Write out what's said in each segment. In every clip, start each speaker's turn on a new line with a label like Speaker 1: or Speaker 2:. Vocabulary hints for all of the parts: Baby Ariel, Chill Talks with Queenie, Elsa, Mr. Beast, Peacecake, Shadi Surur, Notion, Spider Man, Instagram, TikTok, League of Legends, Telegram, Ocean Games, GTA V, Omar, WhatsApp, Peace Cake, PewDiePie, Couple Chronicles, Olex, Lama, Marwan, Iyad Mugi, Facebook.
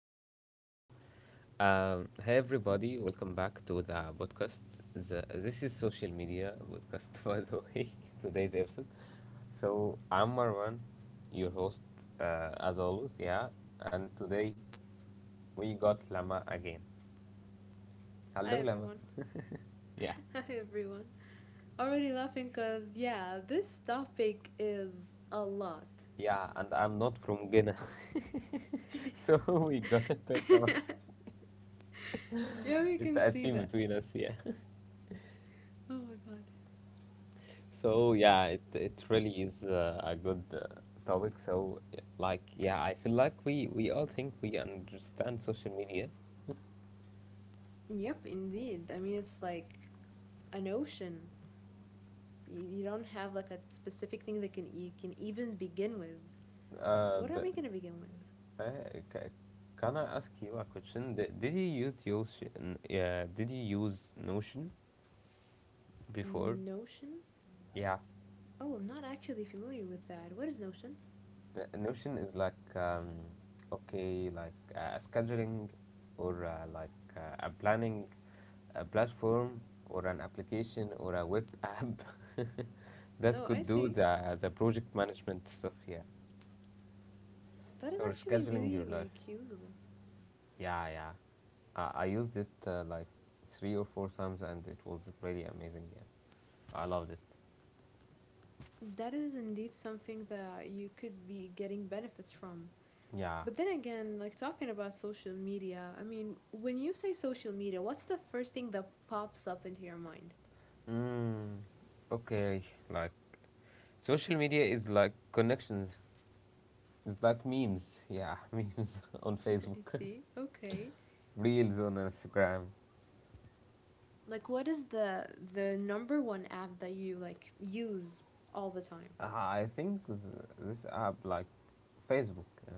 Speaker 1: live. Hey everybody, welcome back to the podcast. This is social media podcast, by the way, today's episode. So I'm Marwan, your host, as always, yeah. And today we got Lama again.
Speaker 2: Hi
Speaker 1: Hello, Lama.
Speaker 2: everyone.
Speaker 1: Yeah,
Speaker 2: Hi everyone. Already laughing cuz yeah, this topic is a lot.
Speaker 1: yeah, and I'm not from Ghana, so we gonna talk about
Speaker 2: Yeah, we
Speaker 1: it's
Speaker 2: can
Speaker 1: a
Speaker 2: see
Speaker 1: scene
Speaker 2: that.
Speaker 1: between us, yeah.
Speaker 2: Oh my god.
Speaker 1: So yeah, it really is a good topic. So like yeah, I feel like we all think we understand social media.
Speaker 2: Yep, indeed. I mean, it's like an ocean. You don't have like a specific thing that can you can even begin with.
Speaker 1: Uh,
Speaker 2: What are
Speaker 1: the,
Speaker 2: we going to begin with?
Speaker 1: uh, ca- can I ask you a question? Did you use yeah, did you use Notion before?
Speaker 2: Notion?
Speaker 1: Yeah.
Speaker 2: Oh, I'm not actually familiar with that. What is Notion?
Speaker 1: Notion is like okay, like a scheduling or like a planning a platform or an application or a web app that
Speaker 2: Oh, I
Speaker 1: could do
Speaker 2: see.
Speaker 1: the project management stuff here
Speaker 2: That is
Speaker 1: or
Speaker 2: actually
Speaker 1: scheduling your
Speaker 2: really
Speaker 1: life.
Speaker 2: like usable.
Speaker 1: Yeah, yeah. I used it like three or four times and it was really amazing. Yeah, I loved it.
Speaker 2: That is indeed something that you could be getting benefits from.
Speaker 1: Yeah.
Speaker 2: But then again, like talking about social media, I mean, when you say social media, what's the first thing that pops up into your mind?
Speaker 1: Mm, okay. Like social media is like connections. It's like memes, yeah, memes on Facebook,
Speaker 2: See? Okay.
Speaker 1: reels on Instagram.
Speaker 2: Like what is the number one app that you like use all the time?
Speaker 1: I think this app like Facebook,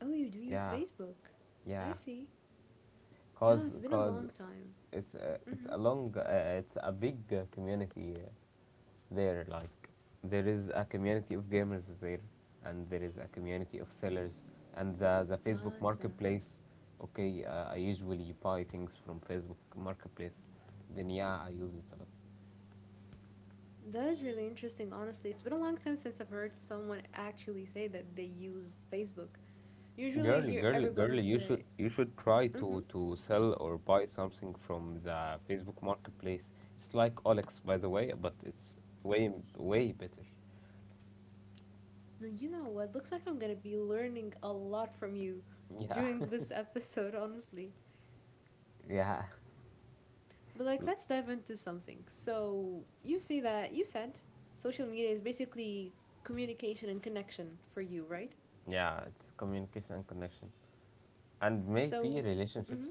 Speaker 2: Oh, you do use
Speaker 1: yeah,
Speaker 2: Facebook. I
Speaker 1: yeah,
Speaker 2: see.
Speaker 1: cause
Speaker 2: Yeah, it's been a
Speaker 1: cause
Speaker 2: long time.
Speaker 1: it's it's
Speaker 2: Mhm.
Speaker 1: a long it's a big community there. Like there is a community of gamers there, and there is a community of sellers, and the Facebook
Speaker 2: Gotcha.
Speaker 1: marketplace. Okay, I usually buy things from Facebook marketplace. Then yeah, I use it a lot.
Speaker 2: That is really interesting, honestly. It's been a long time since I've heard someone actually say that they used Facebook. Usually I
Speaker 1: Girl,
Speaker 2: hear
Speaker 1: girl, girl,
Speaker 2: everyone say,
Speaker 1: you should try to
Speaker 2: "Mhm."
Speaker 1: sell or buy something from the Facebook Marketplace. It's like Olex, by the way, but it's way way better.
Speaker 2: Well, you know what? Looks like I'm gonna be learning a lot from you
Speaker 1: Yeah,
Speaker 2: during this episode, honestly.
Speaker 1: yeah,
Speaker 2: But like,
Speaker 1: L-
Speaker 2: let's dive into something. So you see that you said social media is basically communication and connection for you, right?
Speaker 1: yeah. It's communication and connection, and
Speaker 2: So
Speaker 1: maybe relationships.
Speaker 2: hmm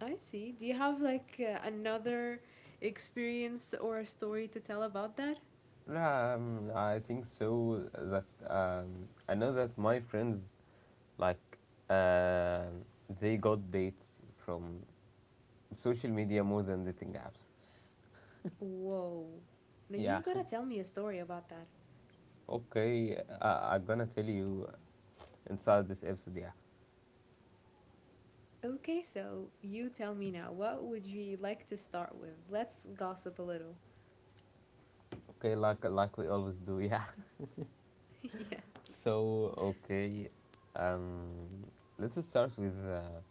Speaker 2: I see. Do you have like another experience or a story to tell about that?
Speaker 1: Yeah, I think so. That I know that my friends like um they got dates from social media more than dating apps.
Speaker 2: Whoa. Now
Speaker 1: Yeah,
Speaker 2: you've got to tell me a story about that.
Speaker 1: okay, I'm gonna tell you inside this episode, yeah.
Speaker 2: Okay, so you tell me now. What would you like to start with? Let's gossip a little.
Speaker 1: Okay, like we always do, yeah.
Speaker 2: Yeah.
Speaker 1: So okay, um, let's start with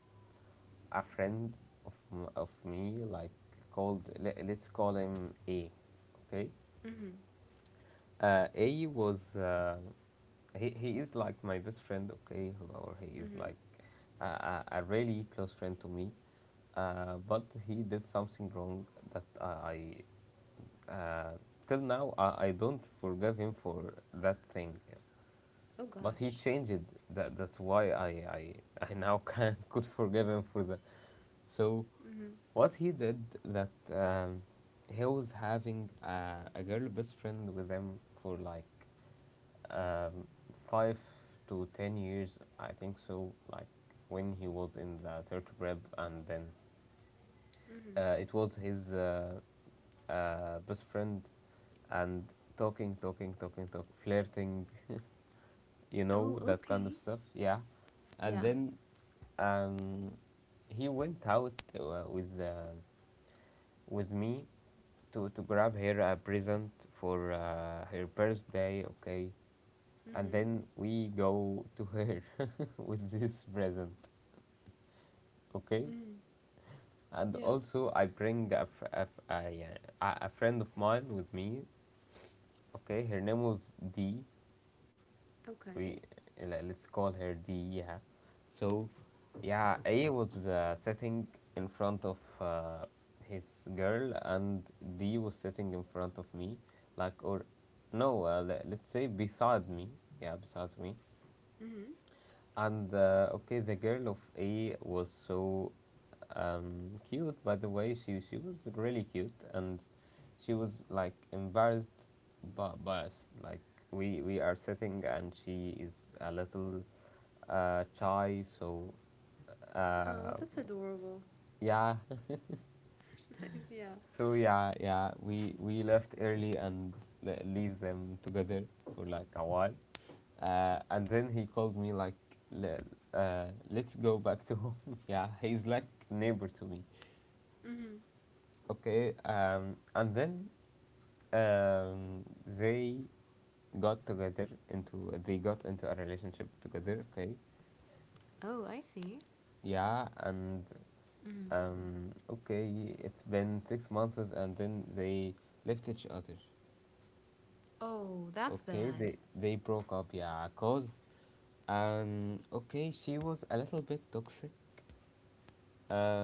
Speaker 1: a friend of of me, like called let's call him A. Okay,
Speaker 2: Mhm.
Speaker 1: A was he is like my best friend. Okay, or he is
Speaker 2: Mhm.
Speaker 1: like a really close friend to me but he did something wrong that I Uh, till now, I don't forgive him for that thing,
Speaker 2: Oh
Speaker 1: but he
Speaker 2: gosh.
Speaker 1: changed it. That that's why I now can could forgive him for that. So,
Speaker 2: Mhm.
Speaker 1: what he did that he was having a girl best friend with him for like um, 5 to 10 years, I think so. Like when he was in the third rep, and then
Speaker 2: Mhm.
Speaker 1: it was his best friend and talking, talking, talking, talk, flirting, you know, that kind of
Speaker 2: Okay.
Speaker 1: stuff. Yeah. And
Speaker 2: Yeah.
Speaker 1: then um, he went out uh, with uh, with me to grab her a present for her birthday, okay? And
Speaker 2: Mhm.
Speaker 1: then we go to her with this present, okay?
Speaker 2: Mhm.
Speaker 1: And
Speaker 2: Yeah.
Speaker 1: also, I bring a, fr- a f- a friend of mine with me. Okay, her name was D. We
Speaker 2: Okay.
Speaker 1: let's call her D. Yeah. So, yeah, A was sitting in front of his girl, and D was sitting in front of me, like or no, let's say beside me. Yeah, beside me.
Speaker 2: Mhm.
Speaker 1: And okay, the girl of A was so cute. By the way, she was really cute, and she was like embarrassed but biased. Like we are sitting, and she is a little shy. So uh,
Speaker 2: Oh, that's adorable.
Speaker 1: yeah,
Speaker 2: Nice. Yeah.
Speaker 1: so yeah, yeah, we left early and leaves them together for like a while, and then he called me like, "Le- let's go back to home." Yeah, he's like neighbor to me.
Speaker 2: Mhm.
Speaker 1: Okay, and then um, they got together into they got into a relationship together. Okay,
Speaker 2: Oh, I see.
Speaker 1: yeah, and
Speaker 2: Mhm.
Speaker 1: okay, it's been 6 months and then they left each other.
Speaker 2: Oh, that's
Speaker 1: Okay,
Speaker 2: bad.
Speaker 1: they broke up yeah cause okay she was a little bit toxic,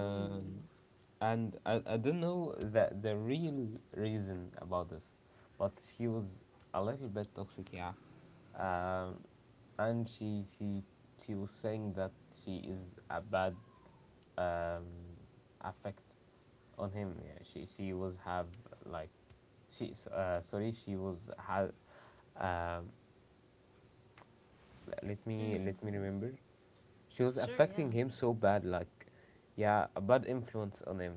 Speaker 2: Ooh.
Speaker 1: and I don't know the real reason about this, but she was a little bit toxic, yeah. Um, and she was saying that she is a bad um, affect on him. Yeah, she was have like she sorry she was had um,
Speaker 2: Mm.
Speaker 1: let me remember she was
Speaker 2: Sure.
Speaker 1: affecting
Speaker 2: Yeah.
Speaker 1: him so bad, like, yeah, a bad influence on him.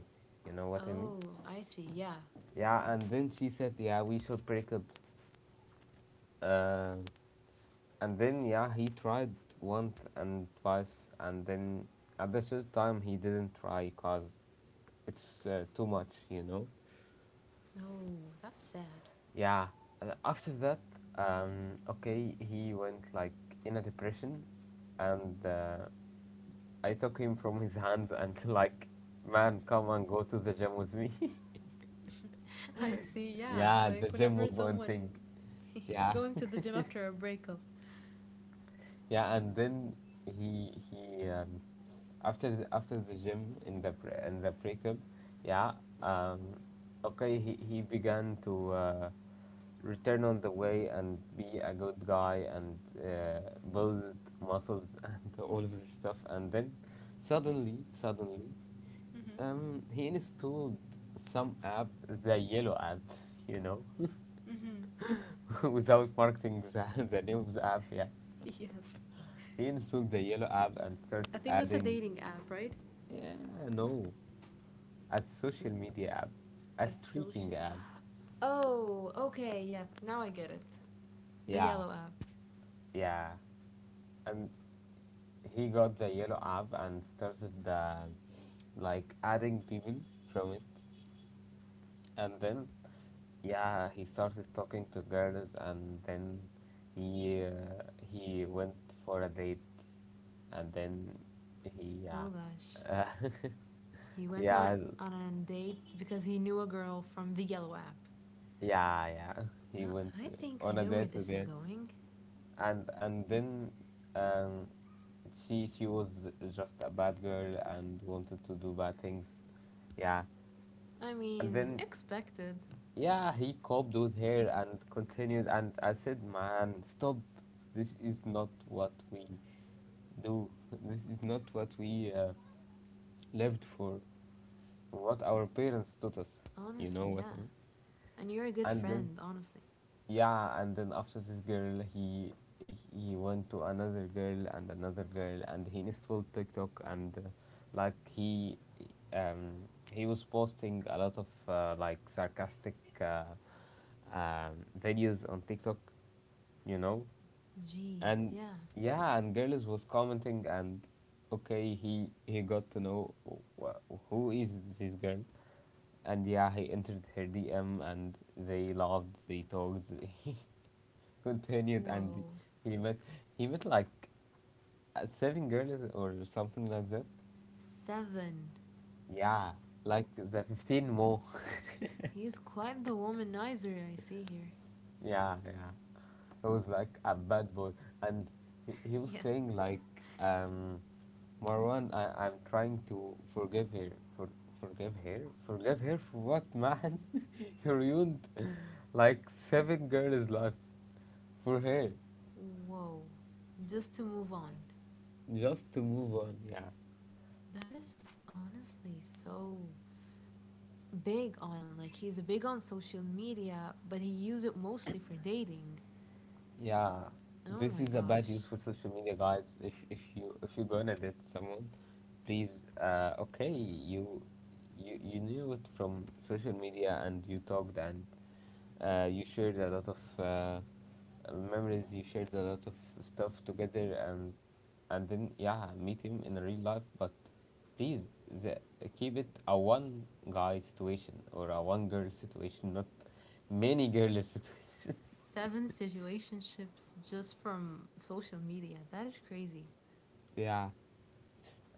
Speaker 1: You know what I mean?
Speaker 2: Oh, I see. Yeah.
Speaker 1: Yeah, and then she said, yeah, we should break up. Uh, and then, yeah, he tried once and twice, and then at the third time, he didn't try because it's too much, you know?
Speaker 2: No, that's sad.
Speaker 1: Yeah, and after that, okay, he went like in a depression, and I took him from his hands and, like, man, come and go to the gym with me.
Speaker 2: I see. Yeah.
Speaker 1: Yeah,
Speaker 2: Like
Speaker 1: the gym
Speaker 2: whenever
Speaker 1: move on
Speaker 2: someone
Speaker 1: thing. Yeah,
Speaker 2: going to the gym after a breakup.
Speaker 1: yeah, and then he after after the gym in the in the breakup, yeah, um, okay, he began to return on the way and be a good guy and uh, build muscles and all of this stuff, and then suddenly
Speaker 2: Mhm.
Speaker 1: he installed some app, the yellow app, you know,
Speaker 2: Mhm.
Speaker 1: without marketing the name of the app, yeah.
Speaker 2: Yeah,
Speaker 1: Reinstall the yellow app and start
Speaker 2: I think that's a
Speaker 1: adding,
Speaker 2: dating app, right?
Speaker 1: yeah, no, a social media app, a
Speaker 2: A
Speaker 1: streaking
Speaker 2: social.
Speaker 1: app.
Speaker 2: Oh, okay. Yep. Yeah, now I get it. The
Speaker 1: Yeah,
Speaker 2: yellow app.
Speaker 1: yeah. And he got the yellow app and started like adding people from it. And then, yeah, he started talking to girls and then he uh, he went for a date and then he yeah
Speaker 2: Oh gosh,
Speaker 1: uh,
Speaker 2: he went on
Speaker 1: yeah
Speaker 2: on a date because he knew a girl from the yellow app.
Speaker 1: yeah yeah he
Speaker 2: Huh,
Speaker 1: went
Speaker 2: I think I
Speaker 1: on a
Speaker 2: know where
Speaker 1: date with
Speaker 2: this is
Speaker 1: her
Speaker 2: going.
Speaker 1: and then um, she was just a bad girl and wanted to do bad things. Yeah,
Speaker 2: I
Speaker 1: and
Speaker 2: mean,
Speaker 1: then
Speaker 2: expected.
Speaker 1: yeah, he coped with her and continued. And I said, man, stop! This is not what we do. This is not what we lived for. What our parents taught us. You know
Speaker 2: Honestly,
Speaker 1: what I
Speaker 2: yeah.
Speaker 1: mean?
Speaker 2: And you're a good
Speaker 1: And then
Speaker 2: friend, honestly.
Speaker 1: yeah, and then after this girl, he went to another girl, and he installed TikTok and like um he was posting a lot of like sarcastic uh, um, videos on TikTok, you know,
Speaker 2: Jeez,
Speaker 1: and
Speaker 2: yeah.
Speaker 1: yeah, and girls was commenting and okay, he got to know who is this girl, and yeah, he entered her DM and they loved, they talked. Continued and
Speaker 2: Whoa.
Speaker 1: he met he met like seven girls or something like that,
Speaker 2: Seven.
Speaker 1: yeah, like the 15 more.
Speaker 2: He's quite the womanizer I see here.
Speaker 1: Yeah, yeah, he was like a bad boy and he was
Speaker 2: Yes.
Speaker 1: saying like Marwan, I'm trying to forgive her for forgive her forgive her for what, man? You ruined like seven girls life for her
Speaker 2: Whoa. Just to move on.
Speaker 1: just to move on, yeah.
Speaker 2: That is honestly so big on like he's big on social media, but he uses it mostly for dating.
Speaker 1: Yeah,
Speaker 2: Oh my
Speaker 1: this is a bad
Speaker 2: gosh.
Speaker 1: use for social media, guys. If you if you're gonna date someone, please, okay, you knew it from social media and you talked and you shared a lot of uh, memories. You shared a lot of stuff together and then yeah, meet him in real life. But please, the, keep it a one guy situation or a one girl situation, not many girls situation.
Speaker 2: Seven situationships just from social media. That is crazy.
Speaker 1: Yeah.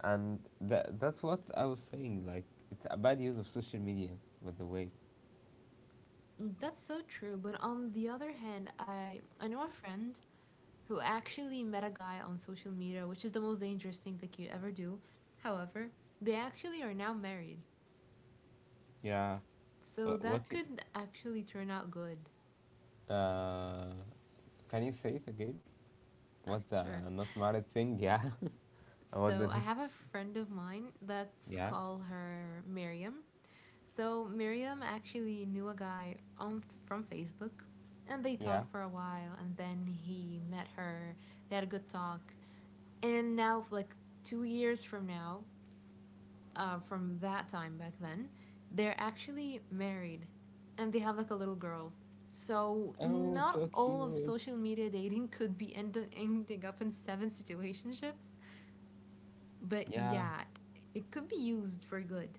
Speaker 1: And that that's what I was saying. Like it's a bad use of social media, by the way.
Speaker 2: That's so true, but on the other hand, I know a friend who actually met a guy on social media, which is the most dangerous thing that you ever do. However, they actually are now married.
Speaker 1: Yeah.
Speaker 2: So
Speaker 1: What?
Speaker 2: that could actually turn out good.
Speaker 1: Uh, can you say it again? What the
Speaker 2: Sure.
Speaker 1: not married thing? Yeah. What
Speaker 2: So
Speaker 1: the?
Speaker 2: I have a friend of mine, let's
Speaker 1: Yeah.
Speaker 2: call her Miriam. So Miriam actually knew a guy on from Facebook and they
Speaker 1: Yeah.
Speaker 2: talked for a while and then he met her. They had a good talk. And now like 2 years from now, from that time back then, they're actually married and they have like a little girl. So
Speaker 1: Oh,
Speaker 2: not
Speaker 1: so
Speaker 2: all of
Speaker 1: cute.
Speaker 2: social media dating could be ending up in seven situationships but
Speaker 1: Yeah.
Speaker 2: yeah, it could be used for good.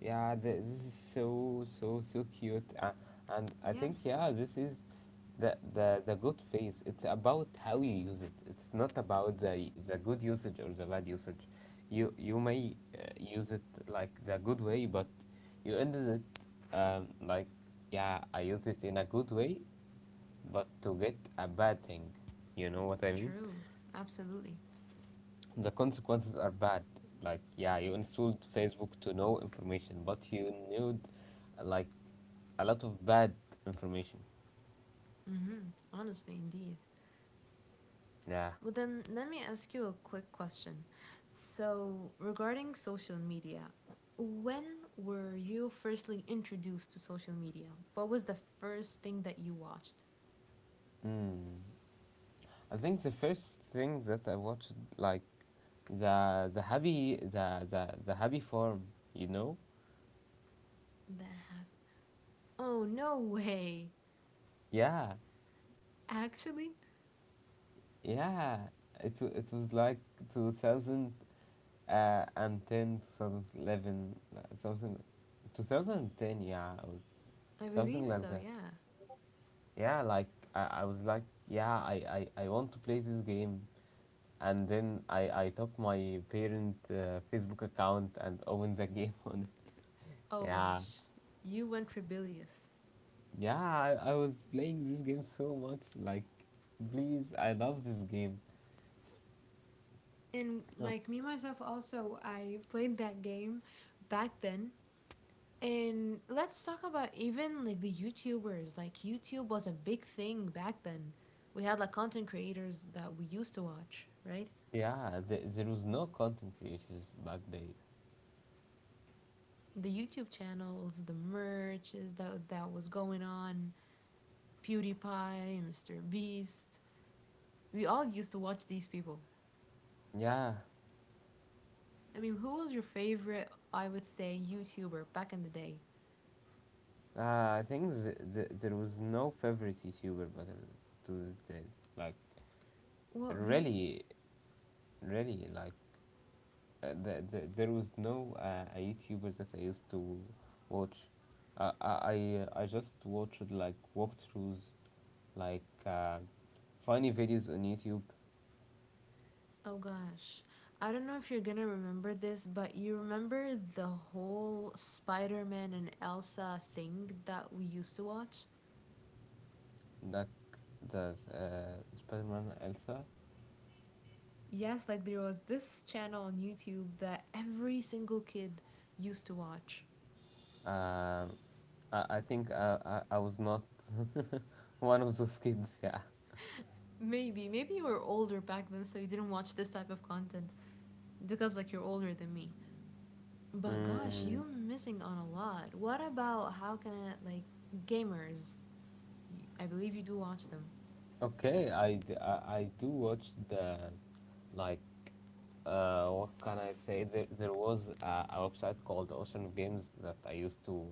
Speaker 1: Yeah, this is so so so cute, and I think
Speaker 2: Yes.
Speaker 1: yeah, this is the the good phase. It's about how you use it. It's not about the good usage or the bad usage. You may use it like the good way, but you ended it like yeah, I use it in a good way, but to get a bad thing. You know what I mean?
Speaker 2: True. Absolutely.
Speaker 1: The consequences are bad. Like, yeah, you installed Facebook to know information, but you knew, like, a lot of bad information.
Speaker 2: Mm-hmm. Honestly, indeed.
Speaker 1: Yeah.
Speaker 2: Well, then let me ask you a quick question. So, regarding social media, when were you firstly introduced to social media? What was the first thing that you watched?
Speaker 1: Mm. I think the first thing that I watched, like the happy farm, you know?
Speaker 2: That happened. Oh, no way.
Speaker 1: Yeah,
Speaker 2: Actually,
Speaker 1: yeah. It was like 2010, 2011, and ten, 2011, like something, 2010, yeah, or
Speaker 2: I
Speaker 1: something
Speaker 2: believe
Speaker 1: like
Speaker 2: so,
Speaker 1: that.
Speaker 2: yeah.
Speaker 1: Yeah, like I was like, yeah, I want to play this game, and then I took my parent Facebook account and opened the game on it.
Speaker 2: Oh
Speaker 1: Yeah,
Speaker 2: gosh, you went rebellious.
Speaker 1: yeah, I was playing this game so much. Like, please, I love this game.
Speaker 2: And
Speaker 1: Oh,
Speaker 2: like me myself also I played that game back then. And let's talk about even like the YouTubers. Like YouTube was a big thing back then. We had like content creators that we used to watch, right?
Speaker 1: yeah, there was no content creators back days.
Speaker 2: The YouTube channels, the merches that was going on, PewDiePie, Mr. Beast. We all used to watch these people.
Speaker 1: Yeah,
Speaker 2: I mean, who was your favorite, I would say, YouTuber back in the day?
Speaker 1: I think there was no favorite YouTuber to these days. Like,
Speaker 2: What, really?
Speaker 1: really, really, there was no a YouTuber that I used to watch. I just watched like walkthroughs, like uh, funny videos on YouTube,
Speaker 2: Oh gosh. I don't know if you're gonna remember this, but you remember the whole Spider Man and Elsa thing that we used to watch?
Speaker 1: like the Spider-Man Elsa.
Speaker 2: Yes, like there was this channel on YouTube that every single kid used to watch.
Speaker 1: Um, I think I was not one of those kids. Yeah.
Speaker 2: Maybe, you were older back then, so you didn't watch this type of content because, like, you're older than me. But gosh,
Speaker 1: Mm.
Speaker 2: you're missing on a lot. What about how can I, like, gamers? I believe you do watch them.
Speaker 1: Okay, I do watch the, like, what can I say? There was a website called Ocean Games that I used to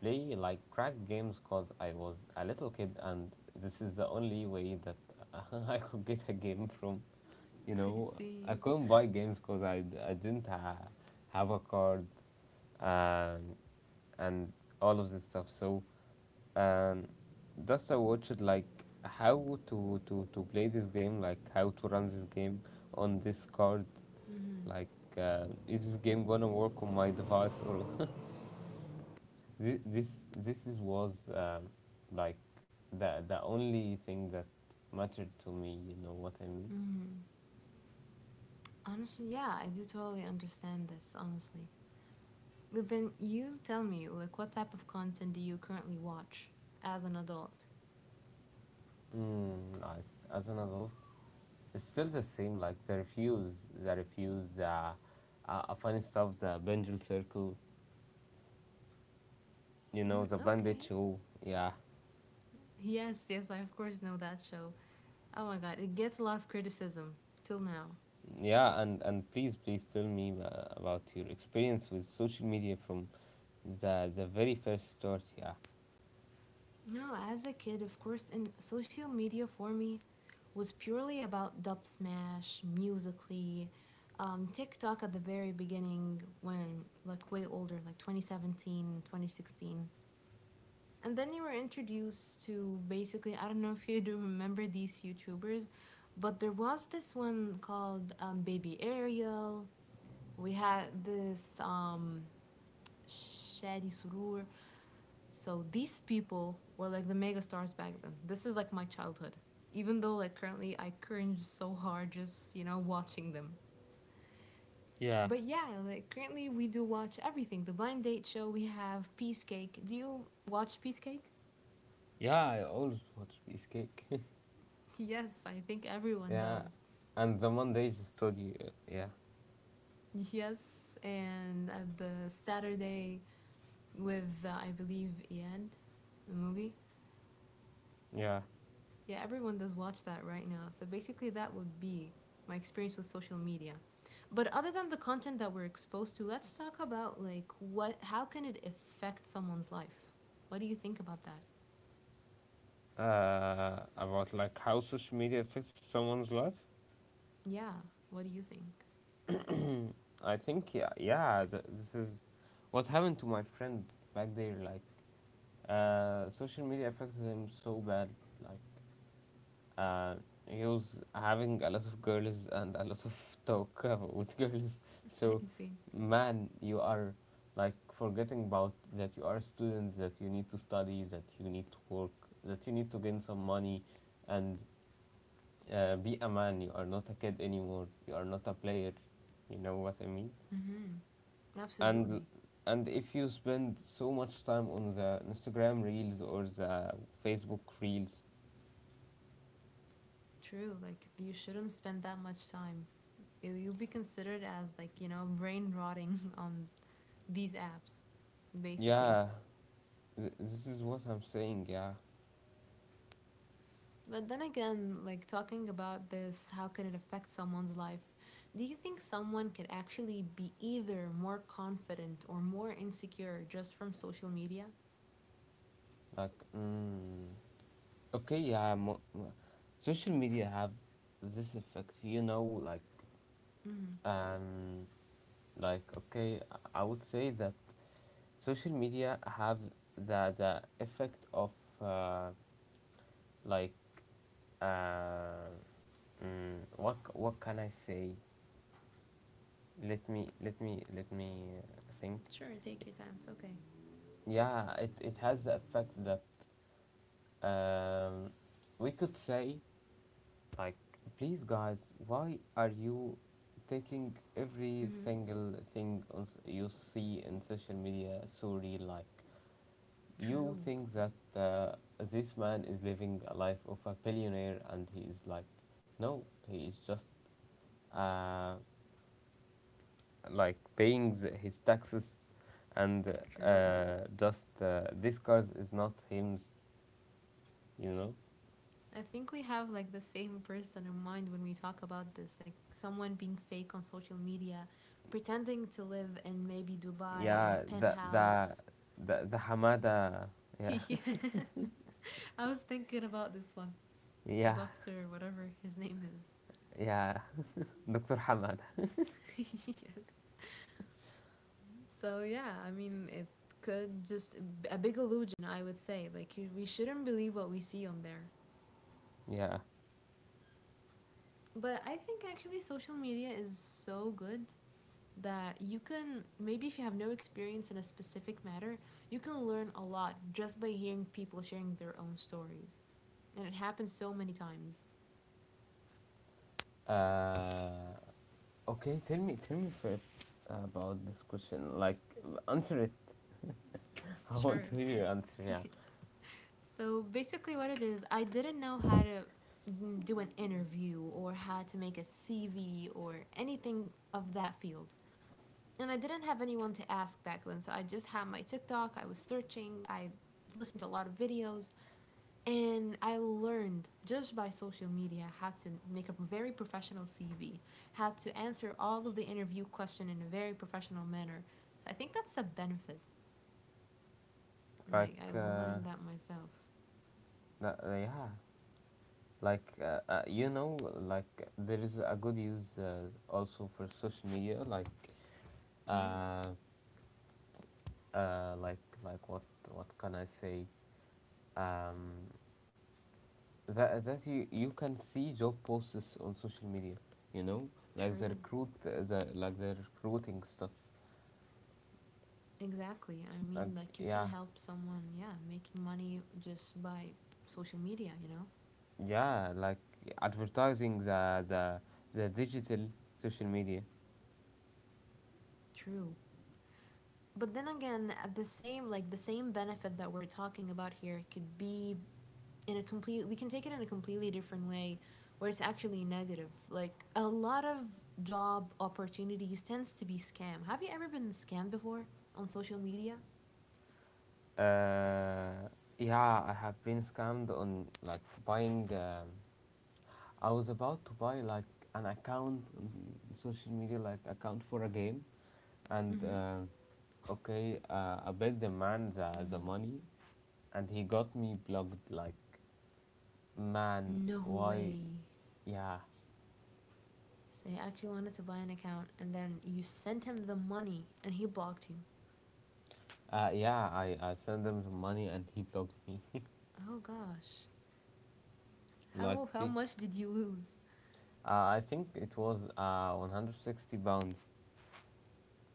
Speaker 1: play, like, crack games because I was a little kid, and this is the only way that I could get a game from, you
Speaker 2: I
Speaker 1: know. I
Speaker 2: see.
Speaker 1: couldn't buy games because I didn't ha- have a card, and and all of this stuff. So um that's, I watched like how to play this game, like how to run this game on this card,
Speaker 2: Mm hmm.
Speaker 1: like is this game gonna work on my device, or this this this is was like the only thing that mattered to me, you know what I mean.
Speaker 2: Mm hmm. Honestly, yeah, I do totally understand this, honestly. But then you tell me, like, what type of content do you currently watch as an adult?
Speaker 1: Mm, like as an adult, it's still the same. Like the refuse, the refuse, the funny stuff, the pendulum circle, you
Speaker 2: Mm,
Speaker 1: know, the bandit
Speaker 2: okay.
Speaker 1: show. Yeah,
Speaker 2: Yes, yes, I of course know that show. Oh my god, it gets a lot of criticism till now.
Speaker 1: yeah, and please, please tell me about your experience with social media from the very first start. Yeah,
Speaker 2: No, as a kid, of course, and social media for me was purely about dub smash, musically, TikTok at the very beginning when like way older, like 2017, 2016. And then you were introduced to basically, I don't know if you do remember these YouTubers, but there was this one called Baby Ariel. We had this Shadi Surur. So these people were like the mega stars back then. This is like my childhood. Even though like currently I cringe so hard just, you know, watching them.
Speaker 1: yeah,
Speaker 2: But yeah, like currently we do watch everything. The blind date show, we have Peacecake. Do you watch Peacecake?
Speaker 1: yeah. I always watch Peace Cake.
Speaker 2: Yes, I think everyone
Speaker 1: Yeah,
Speaker 2: does.
Speaker 1: and the Mondays study. Yeah,
Speaker 2: Yes, and at the Saturday with I believe Iyad Mugi.
Speaker 1: yeah.
Speaker 2: Yeah, everyone does watch that right now. So basically, that would be my experience with social media. But other than the content that we're exposed to, let's talk about like what how can it affect someone's life? What do you think about that?
Speaker 1: About, like, how social media affects someone's life.
Speaker 2: Yeah, what do you think?
Speaker 1: I think, yeah, yeah. This is what happened to my friend back there. Like, social media affected him so bad. Like, uh, he was having a lot of girls and a lot of talk with girls. So,
Speaker 2: I see.
Speaker 1: man, you are, like, forgetting about that you are a student, that you need to study, that you need to work, that you need to gain some money, and be a man. You are not a kid anymore. You are not a player. You know what I mean?
Speaker 2: hmm
Speaker 1: and
Speaker 2: Absolutely.
Speaker 1: and if you spend so much time on the Instagram reels or the Facebook reels,
Speaker 2: True. Like you shouldn't spend that much time. You'll be considered as like, you know, brain rotting on these apps, basically.
Speaker 1: yeah, this is what I'm saying. Yeah,
Speaker 2: But then again, like talking about this, how can it affect someone's life? Do you think someone could actually be either more confident or more insecure just from social media?
Speaker 1: like, mm, okay, yeah, social media have this effect. You know,
Speaker 2: Mm-hmm.
Speaker 1: um, like, okay, I would say that social media have the effect of uh, like, uh, what what can I say? Let me think.
Speaker 2: Sure, take your time. It's okay.
Speaker 1: Yeah, it has the effect that um, we could say, like, please guys, why are you taking every
Speaker 2: Mm-hmm.
Speaker 1: single thing you see in social media so real. Like, you
Speaker 2: True,
Speaker 1: think that this man is living a life of a billionaire, and he is like, no, he is just uh, like paying his taxes, and
Speaker 2: true.
Speaker 1: just, this cars is not hymns, you know.
Speaker 2: I think we have like the same person in mind when we talk about this, like someone being fake on social media, pretending to live in maybe Dubai in a
Speaker 1: Yeah,
Speaker 2: penthouse.
Speaker 1: the Hamada, yeah.
Speaker 2: Yes. I was thinking about this one.
Speaker 1: Yeah,
Speaker 2: Doctor, whatever his name is.
Speaker 1: yeah, Doctor Hamada,
Speaker 2: Yes. So, yeah, I mean, it could just a big illusion, I would say. Like, we shouldn't believe what we see on there.
Speaker 1: yeah.
Speaker 2: But I think actually social media is so good that you can maybe if you have no experience in a specific matter, you can learn a lot just by hearing people sharing their own stories. And it happens so many times.
Speaker 1: Uh, okay, tell me first about this question. Like, answer it. I want
Speaker 2: Sure.
Speaker 1: to hear your answer. Yeah,
Speaker 2: So basically, what it is, I didn't know how to do an interview or how to make a CV or anything of that field. And I didn't have anyone to ask back then, so I just had my TikTok. I was searching, I listened to a lot of videos, and I learned just by social media how to make a very professional CV, how to answer all of the interview question in a very professional manner. So I think that's a benefit. Like I
Speaker 1: like,
Speaker 2: learned that myself.
Speaker 1: yeah, like, you know, like, there is a good use, also, for social media, like.
Speaker 2: Mm,
Speaker 1: Uh, like what can I say? Um, that you, you can see job posts on social media. You know, like the
Speaker 2: true.
Speaker 1: recruiting stuff.
Speaker 2: Exactly. I
Speaker 1: Like,
Speaker 2: mean, like, you can
Speaker 1: yeah,
Speaker 2: help someone, yeah, making money just by social media, you know?
Speaker 1: yeah, like advertising the digital social media.
Speaker 2: True. But then again, at the same, like, the same benefit that we're talking about here could be in a complete, we can take it in a completely different way where it's actually negative. Like, a lot of job opportunities tends to be scam. Have you ever been scammed before on social media?
Speaker 1: Uh, yeah, I have been scammed on, like, buying. I was about to buy, like, an account on social media, like account for a game, and,
Speaker 2: Mm-hmm.
Speaker 1: okay, I bet the man the money, and he got me blocked. Like, man,
Speaker 2: No
Speaker 1: why?
Speaker 2: way.
Speaker 1: Yeah,
Speaker 2: Say, I actually wanted to buy an account, and then you sent him the money, and he blocked you.
Speaker 1: yeah. I sent him the money, and he blocked me.
Speaker 2: Oh gosh.
Speaker 1: Like,
Speaker 2: How
Speaker 1: please.
Speaker 2: much did you lose?
Speaker 1: I think it was 160 pounds.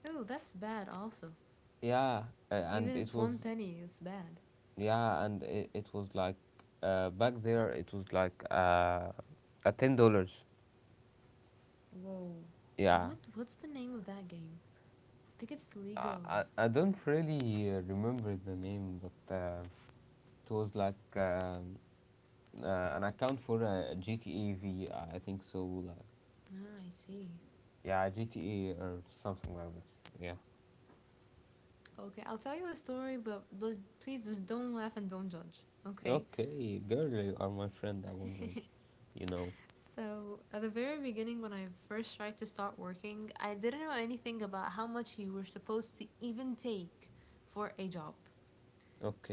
Speaker 2: Oh, that's bad also.
Speaker 1: Yeah, and
Speaker 2: Even if
Speaker 1: it
Speaker 2: it's
Speaker 1: was
Speaker 2: one penny, it's bad.
Speaker 1: yeah, it was like, back there it was like a $10.
Speaker 2: Whoa.
Speaker 1: Yeah,
Speaker 2: What's the name of that game? I think it's League of.
Speaker 1: I
Speaker 2: I,
Speaker 1: don't really remember the name, but. It was like an account for GTA V, I think so. Like,
Speaker 2: I see.
Speaker 1: yeah, GTA or something like this. Yeah.
Speaker 2: Okay, I'll tell you a story, but please just don't laugh and don't judge. Okay.
Speaker 1: Okay, girl, you are my friend. I won't judge. You know.
Speaker 2: So, at the very beginning when I first tried to start working, I didn't know anything about how much you were supposed to even take for a job.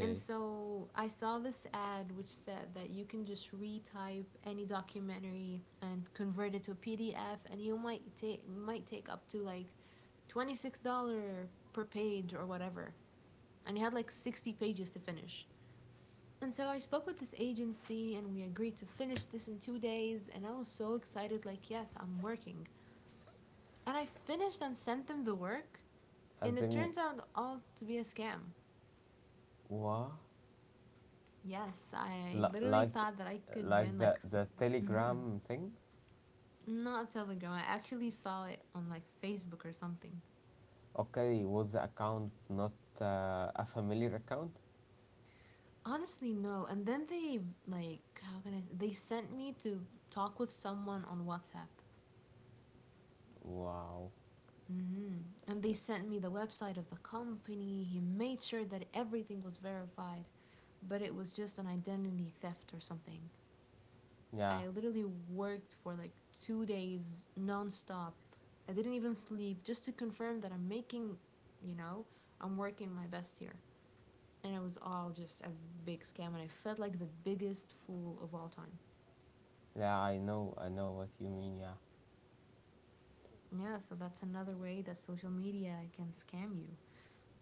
Speaker 2: And so I saw this ad which said that you can just retype any documentary and convert it to a PDF, and you might take up to like $26 per page or whatever. And he had like 60 pages to finish. And so I spoke with this agency, and we agreed to finish this in 2 days. And I was so excited, like yes, I'm working. And I finished and sent them the work,
Speaker 1: And
Speaker 2: and it
Speaker 1: then we,
Speaker 2: turns out all to be a scam.
Speaker 1: what?
Speaker 2: Yes, I
Speaker 1: L-
Speaker 2: literally
Speaker 1: like,
Speaker 2: thought that I could
Speaker 1: like
Speaker 2: win
Speaker 1: the
Speaker 2: mhm.
Speaker 1: Telegram thing?
Speaker 2: Not Telegram. I actually saw it on like Facebook or something.
Speaker 1: Okay, was the account not a familiar account?
Speaker 2: Honestly, no. And then they like how can I? They sent me to talk with someone on WhatsApp.
Speaker 1: Wow.
Speaker 2: Hmm. And they sent me the website of the company. He made sure that everything was verified, but it was just an identity theft or something.
Speaker 1: Yeah,
Speaker 2: I literally worked for like 2 days nonstop. I didn't even sleep just to confirm that I'm making, you know, I'm working my best here. And it was all just a big scam, and I felt like the biggest fool of all time.
Speaker 1: yeah, I know what you mean. Yeah.
Speaker 2: Yeah, so that's another way that social media can scam you.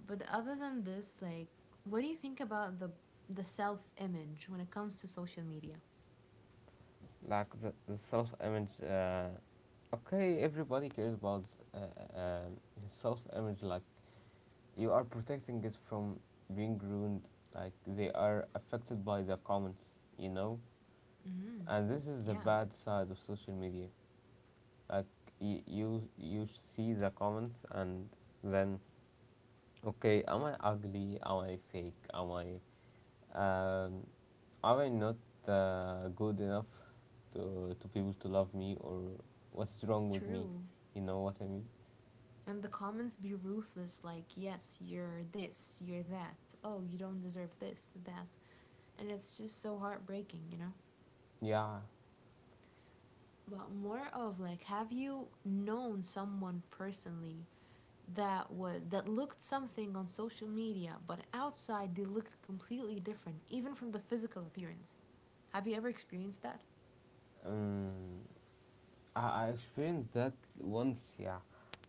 Speaker 2: But other than this, like, what do you think about the self image when it comes to social media?
Speaker 1: Like the self image. Okay, everybody cares about uh, uh, his self image. Like, you are protecting it from being ruined. Like, they are affected by the comments, you know.
Speaker 2: Mm-hmm.
Speaker 1: And this is the
Speaker 2: Yeah,
Speaker 1: bad side of social media. Like, you see the comments and then, okay, am I ugly? Am I fake? Am I, um, am I not good enough to people to love me? Or what's wrong with me?
Speaker 2: true.
Speaker 1: You know what I mean?
Speaker 2: And the comments be ruthless, like, yes, you're this, you're that. Oh, you don't deserve this, that. And it's just so heartbreaking, you know?
Speaker 1: Yeah.
Speaker 2: But more of like, have you known someone personally that looked something on social media, but outside they looked completely different, even from the physical appearance? Have you ever experienced that?
Speaker 1: Um, I experienced that once. Yeah.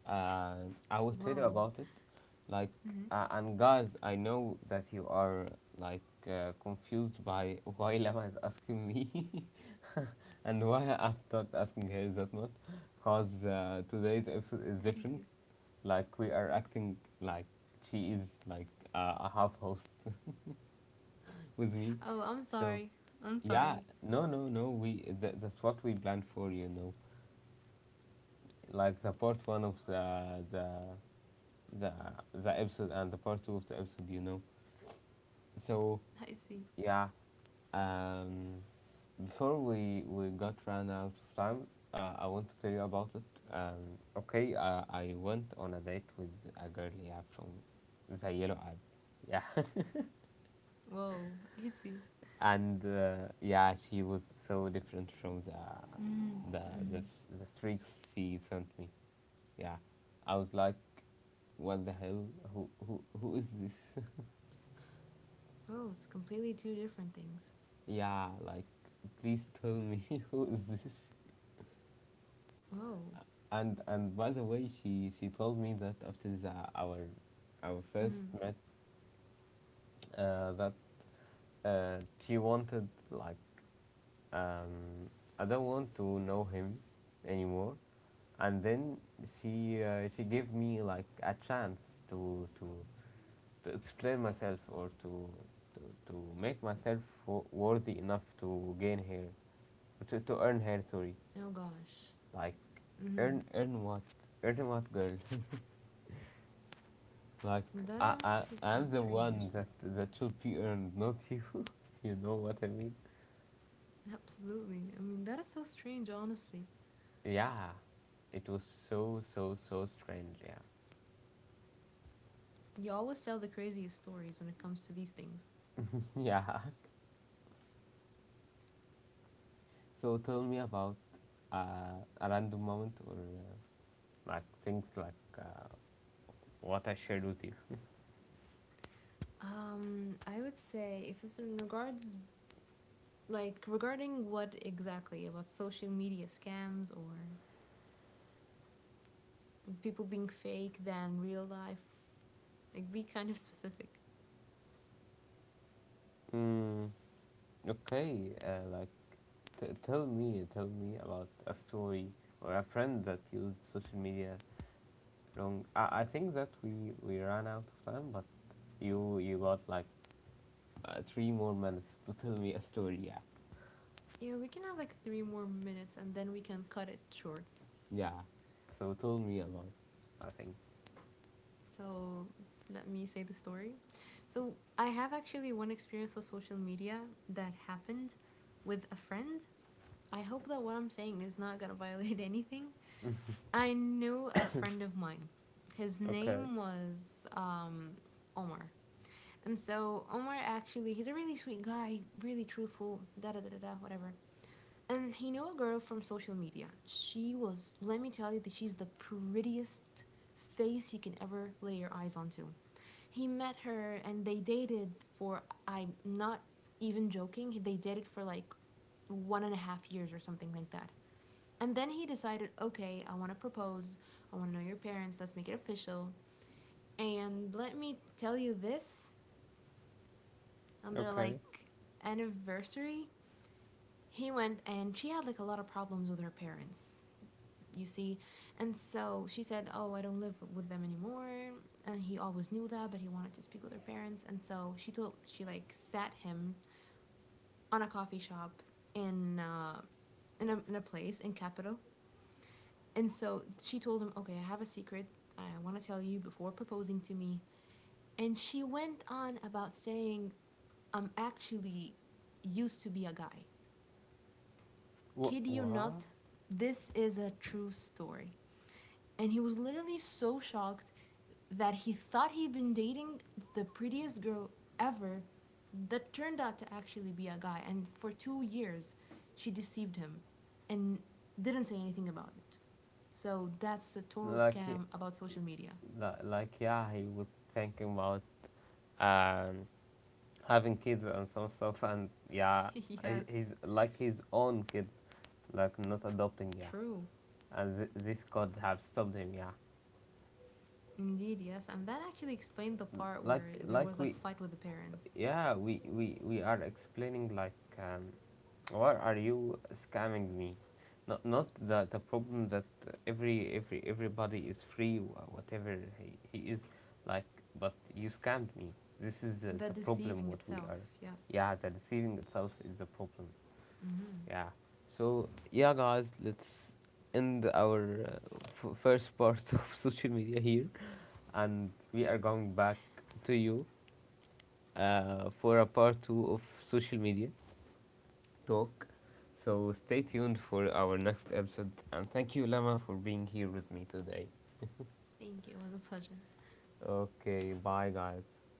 Speaker 1: Uh, I will tell you
Speaker 2: Whoa.
Speaker 1: about it. Like,
Speaker 2: Mm-hmm.
Speaker 1: and guys, I know that you are, like, confused by why Lama is asking me and why I'm not asking her that much. Cause today's episode is
Speaker 2: I
Speaker 1: different.
Speaker 2: see.
Speaker 1: Like, we are acting like she is, like, a half host with me.
Speaker 2: Oh, I'm
Speaker 1: So
Speaker 2: sorry. I'm
Speaker 1: yeah,
Speaker 2: sorry.
Speaker 1: no, no, no. We that's what we planned for. You know, like the part one of the the the episode and the part two of the episode. You know, so
Speaker 2: I see.
Speaker 1: yeah. Um, before we got run out of time, I want to tell you about it. Okay, I went on a date with a girl, yeah, from the yellow app. Yeah,
Speaker 2: Whoa. I see.
Speaker 1: and yeah, she was so different from
Speaker 2: Mm-hmm. Mm-hmm.
Speaker 1: the streaks she sent me. Yeah, I was like, what the hell? Who is this?
Speaker 2: Oh, it's completely two different things.
Speaker 1: Yeah, like, please tell me, who is this?
Speaker 2: Whoa.
Speaker 1: And by the way, she told me that after the our first
Speaker 2: Mm-hmm.
Speaker 1: match, that, uh, she wanted, like, um, I don't want to know him anymore. And then she, she gave me, like, a chance to explain myself, or to, to make myself worthy enough to gain her, to earn her. Sorry,
Speaker 2: Oh gosh.
Speaker 1: like,
Speaker 2: Mm-hmm.
Speaker 1: earn earn what earn what girl? Like,
Speaker 2: That is honestly so
Speaker 1: I'm the
Speaker 2: strange.
Speaker 1: one that, that should be earned, not you. You know what I mean?
Speaker 2: Absolutely. I mean, that is so strange, honestly.
Speaker 1: Yeah, it was so strange. Yeah.
Speaker 2: You always tell the craziest stories when it comes to these things.
Speaker 1: Yeah. So tell me about a random moment, or, things like, what I shared with you.
Speaker 2: I would say if it's in regards, like regarding what exactly about social media scams or people being fake than real life, like be kind of specific.
Speaker 1: Mm, okay. Like, tell me about a story, or a friend that used social media wrong. I think that we ran out of time, but you got like three more minutes to tell me a story. Yeah.
Speaker 2: Yeah, we can have like 3 more minutes and then we can cut it short.
Speaker 1: Yeah. So tell me about. I think.
Speaker 2: So let me say the story. So I have actually one experience on social media that happened with a friend. I hope that what I'm saying is not gonna violate anything. I knew a friend of mine. His
Speaker 1: Okay.
Speaker 2: name was Omar. And so Omar actually, he's a really sweet guy, really truthful, da da da da da, whatever. And he knew a girl from social media. She was, let me tell you, that she's the prettiest face you can ever lay your eyes onto. He met her and they dated for, I'm not even joking, they dated for like 1.5 years or something like that. And then he decided, okay, I want to propose. I want to know your parents. Let's make it official. And let me tell you this, on their
Speaker 1: Okay.
Speaker 2: like anniversary, he went, and she had like a lot of problems with her parents, you see. And so she said, oh, I don't live with them anymore. And he always knew that, but he wanted to speak with her parents. And so she told, she like sat him on a coffee shop in uh, in a place in capital. And so she told him, okay, I have a secret. I want to tell you before proposing to me. And she went on about saying, I'm actually used to be a guy.
Speaker 1: What?
Speaker 2: Kid you
Speaker 1: What?
Speaker 2: not, this is a true story. And he was literally so shocked that he thought he'd been dating the prettiest girl ever, that turned out to actually be a guy. And for 2 years, she deceived him and didn't say anything about it. So that's a total
Speaker 1: Like,
Speaker 2: scam about social media.
Speaker 1: like, yeah, he was thinking about um having kids and some stuff, and yeah, I-
Speaker 2: Yes,
Speaker 1: he's like his own kids, like, not adopting, yeah,
Speaker 2: true.
Speaker 1: and this could have stopped him, yeah,
Speaker 2: Indeed, yes. And that actually explained the part where there was like
Speaker 1: we,
Speaker 2: fight with the parents.
Speaker 1: yeah, we are explaining, like, um, why are you scamming me? Not the, the problem that everybody is free whatever he is, like, but you scammed me. This is
Speaker 2: The
Speaker 1: the problem
Speaker 2: deceiving
Speaker 1: what we
Speaker 2: itself,
Speaker 1: are.
Speaker 2: yes.
Speaker 1: Yeah, the deceiving itself is the problem.
Speaker 2: Mm-hmm.
Speaker 1: Yeah. So yeah, guys, let's end our, first part of social media here, and we are going back to you for a part two of social media talk. So stay tuned for our next episode. And thank you, Lama, for being here with me today.
Speaker 2: Thank you. It was a pleasure.
Speaker 1: Okay, bye, guys.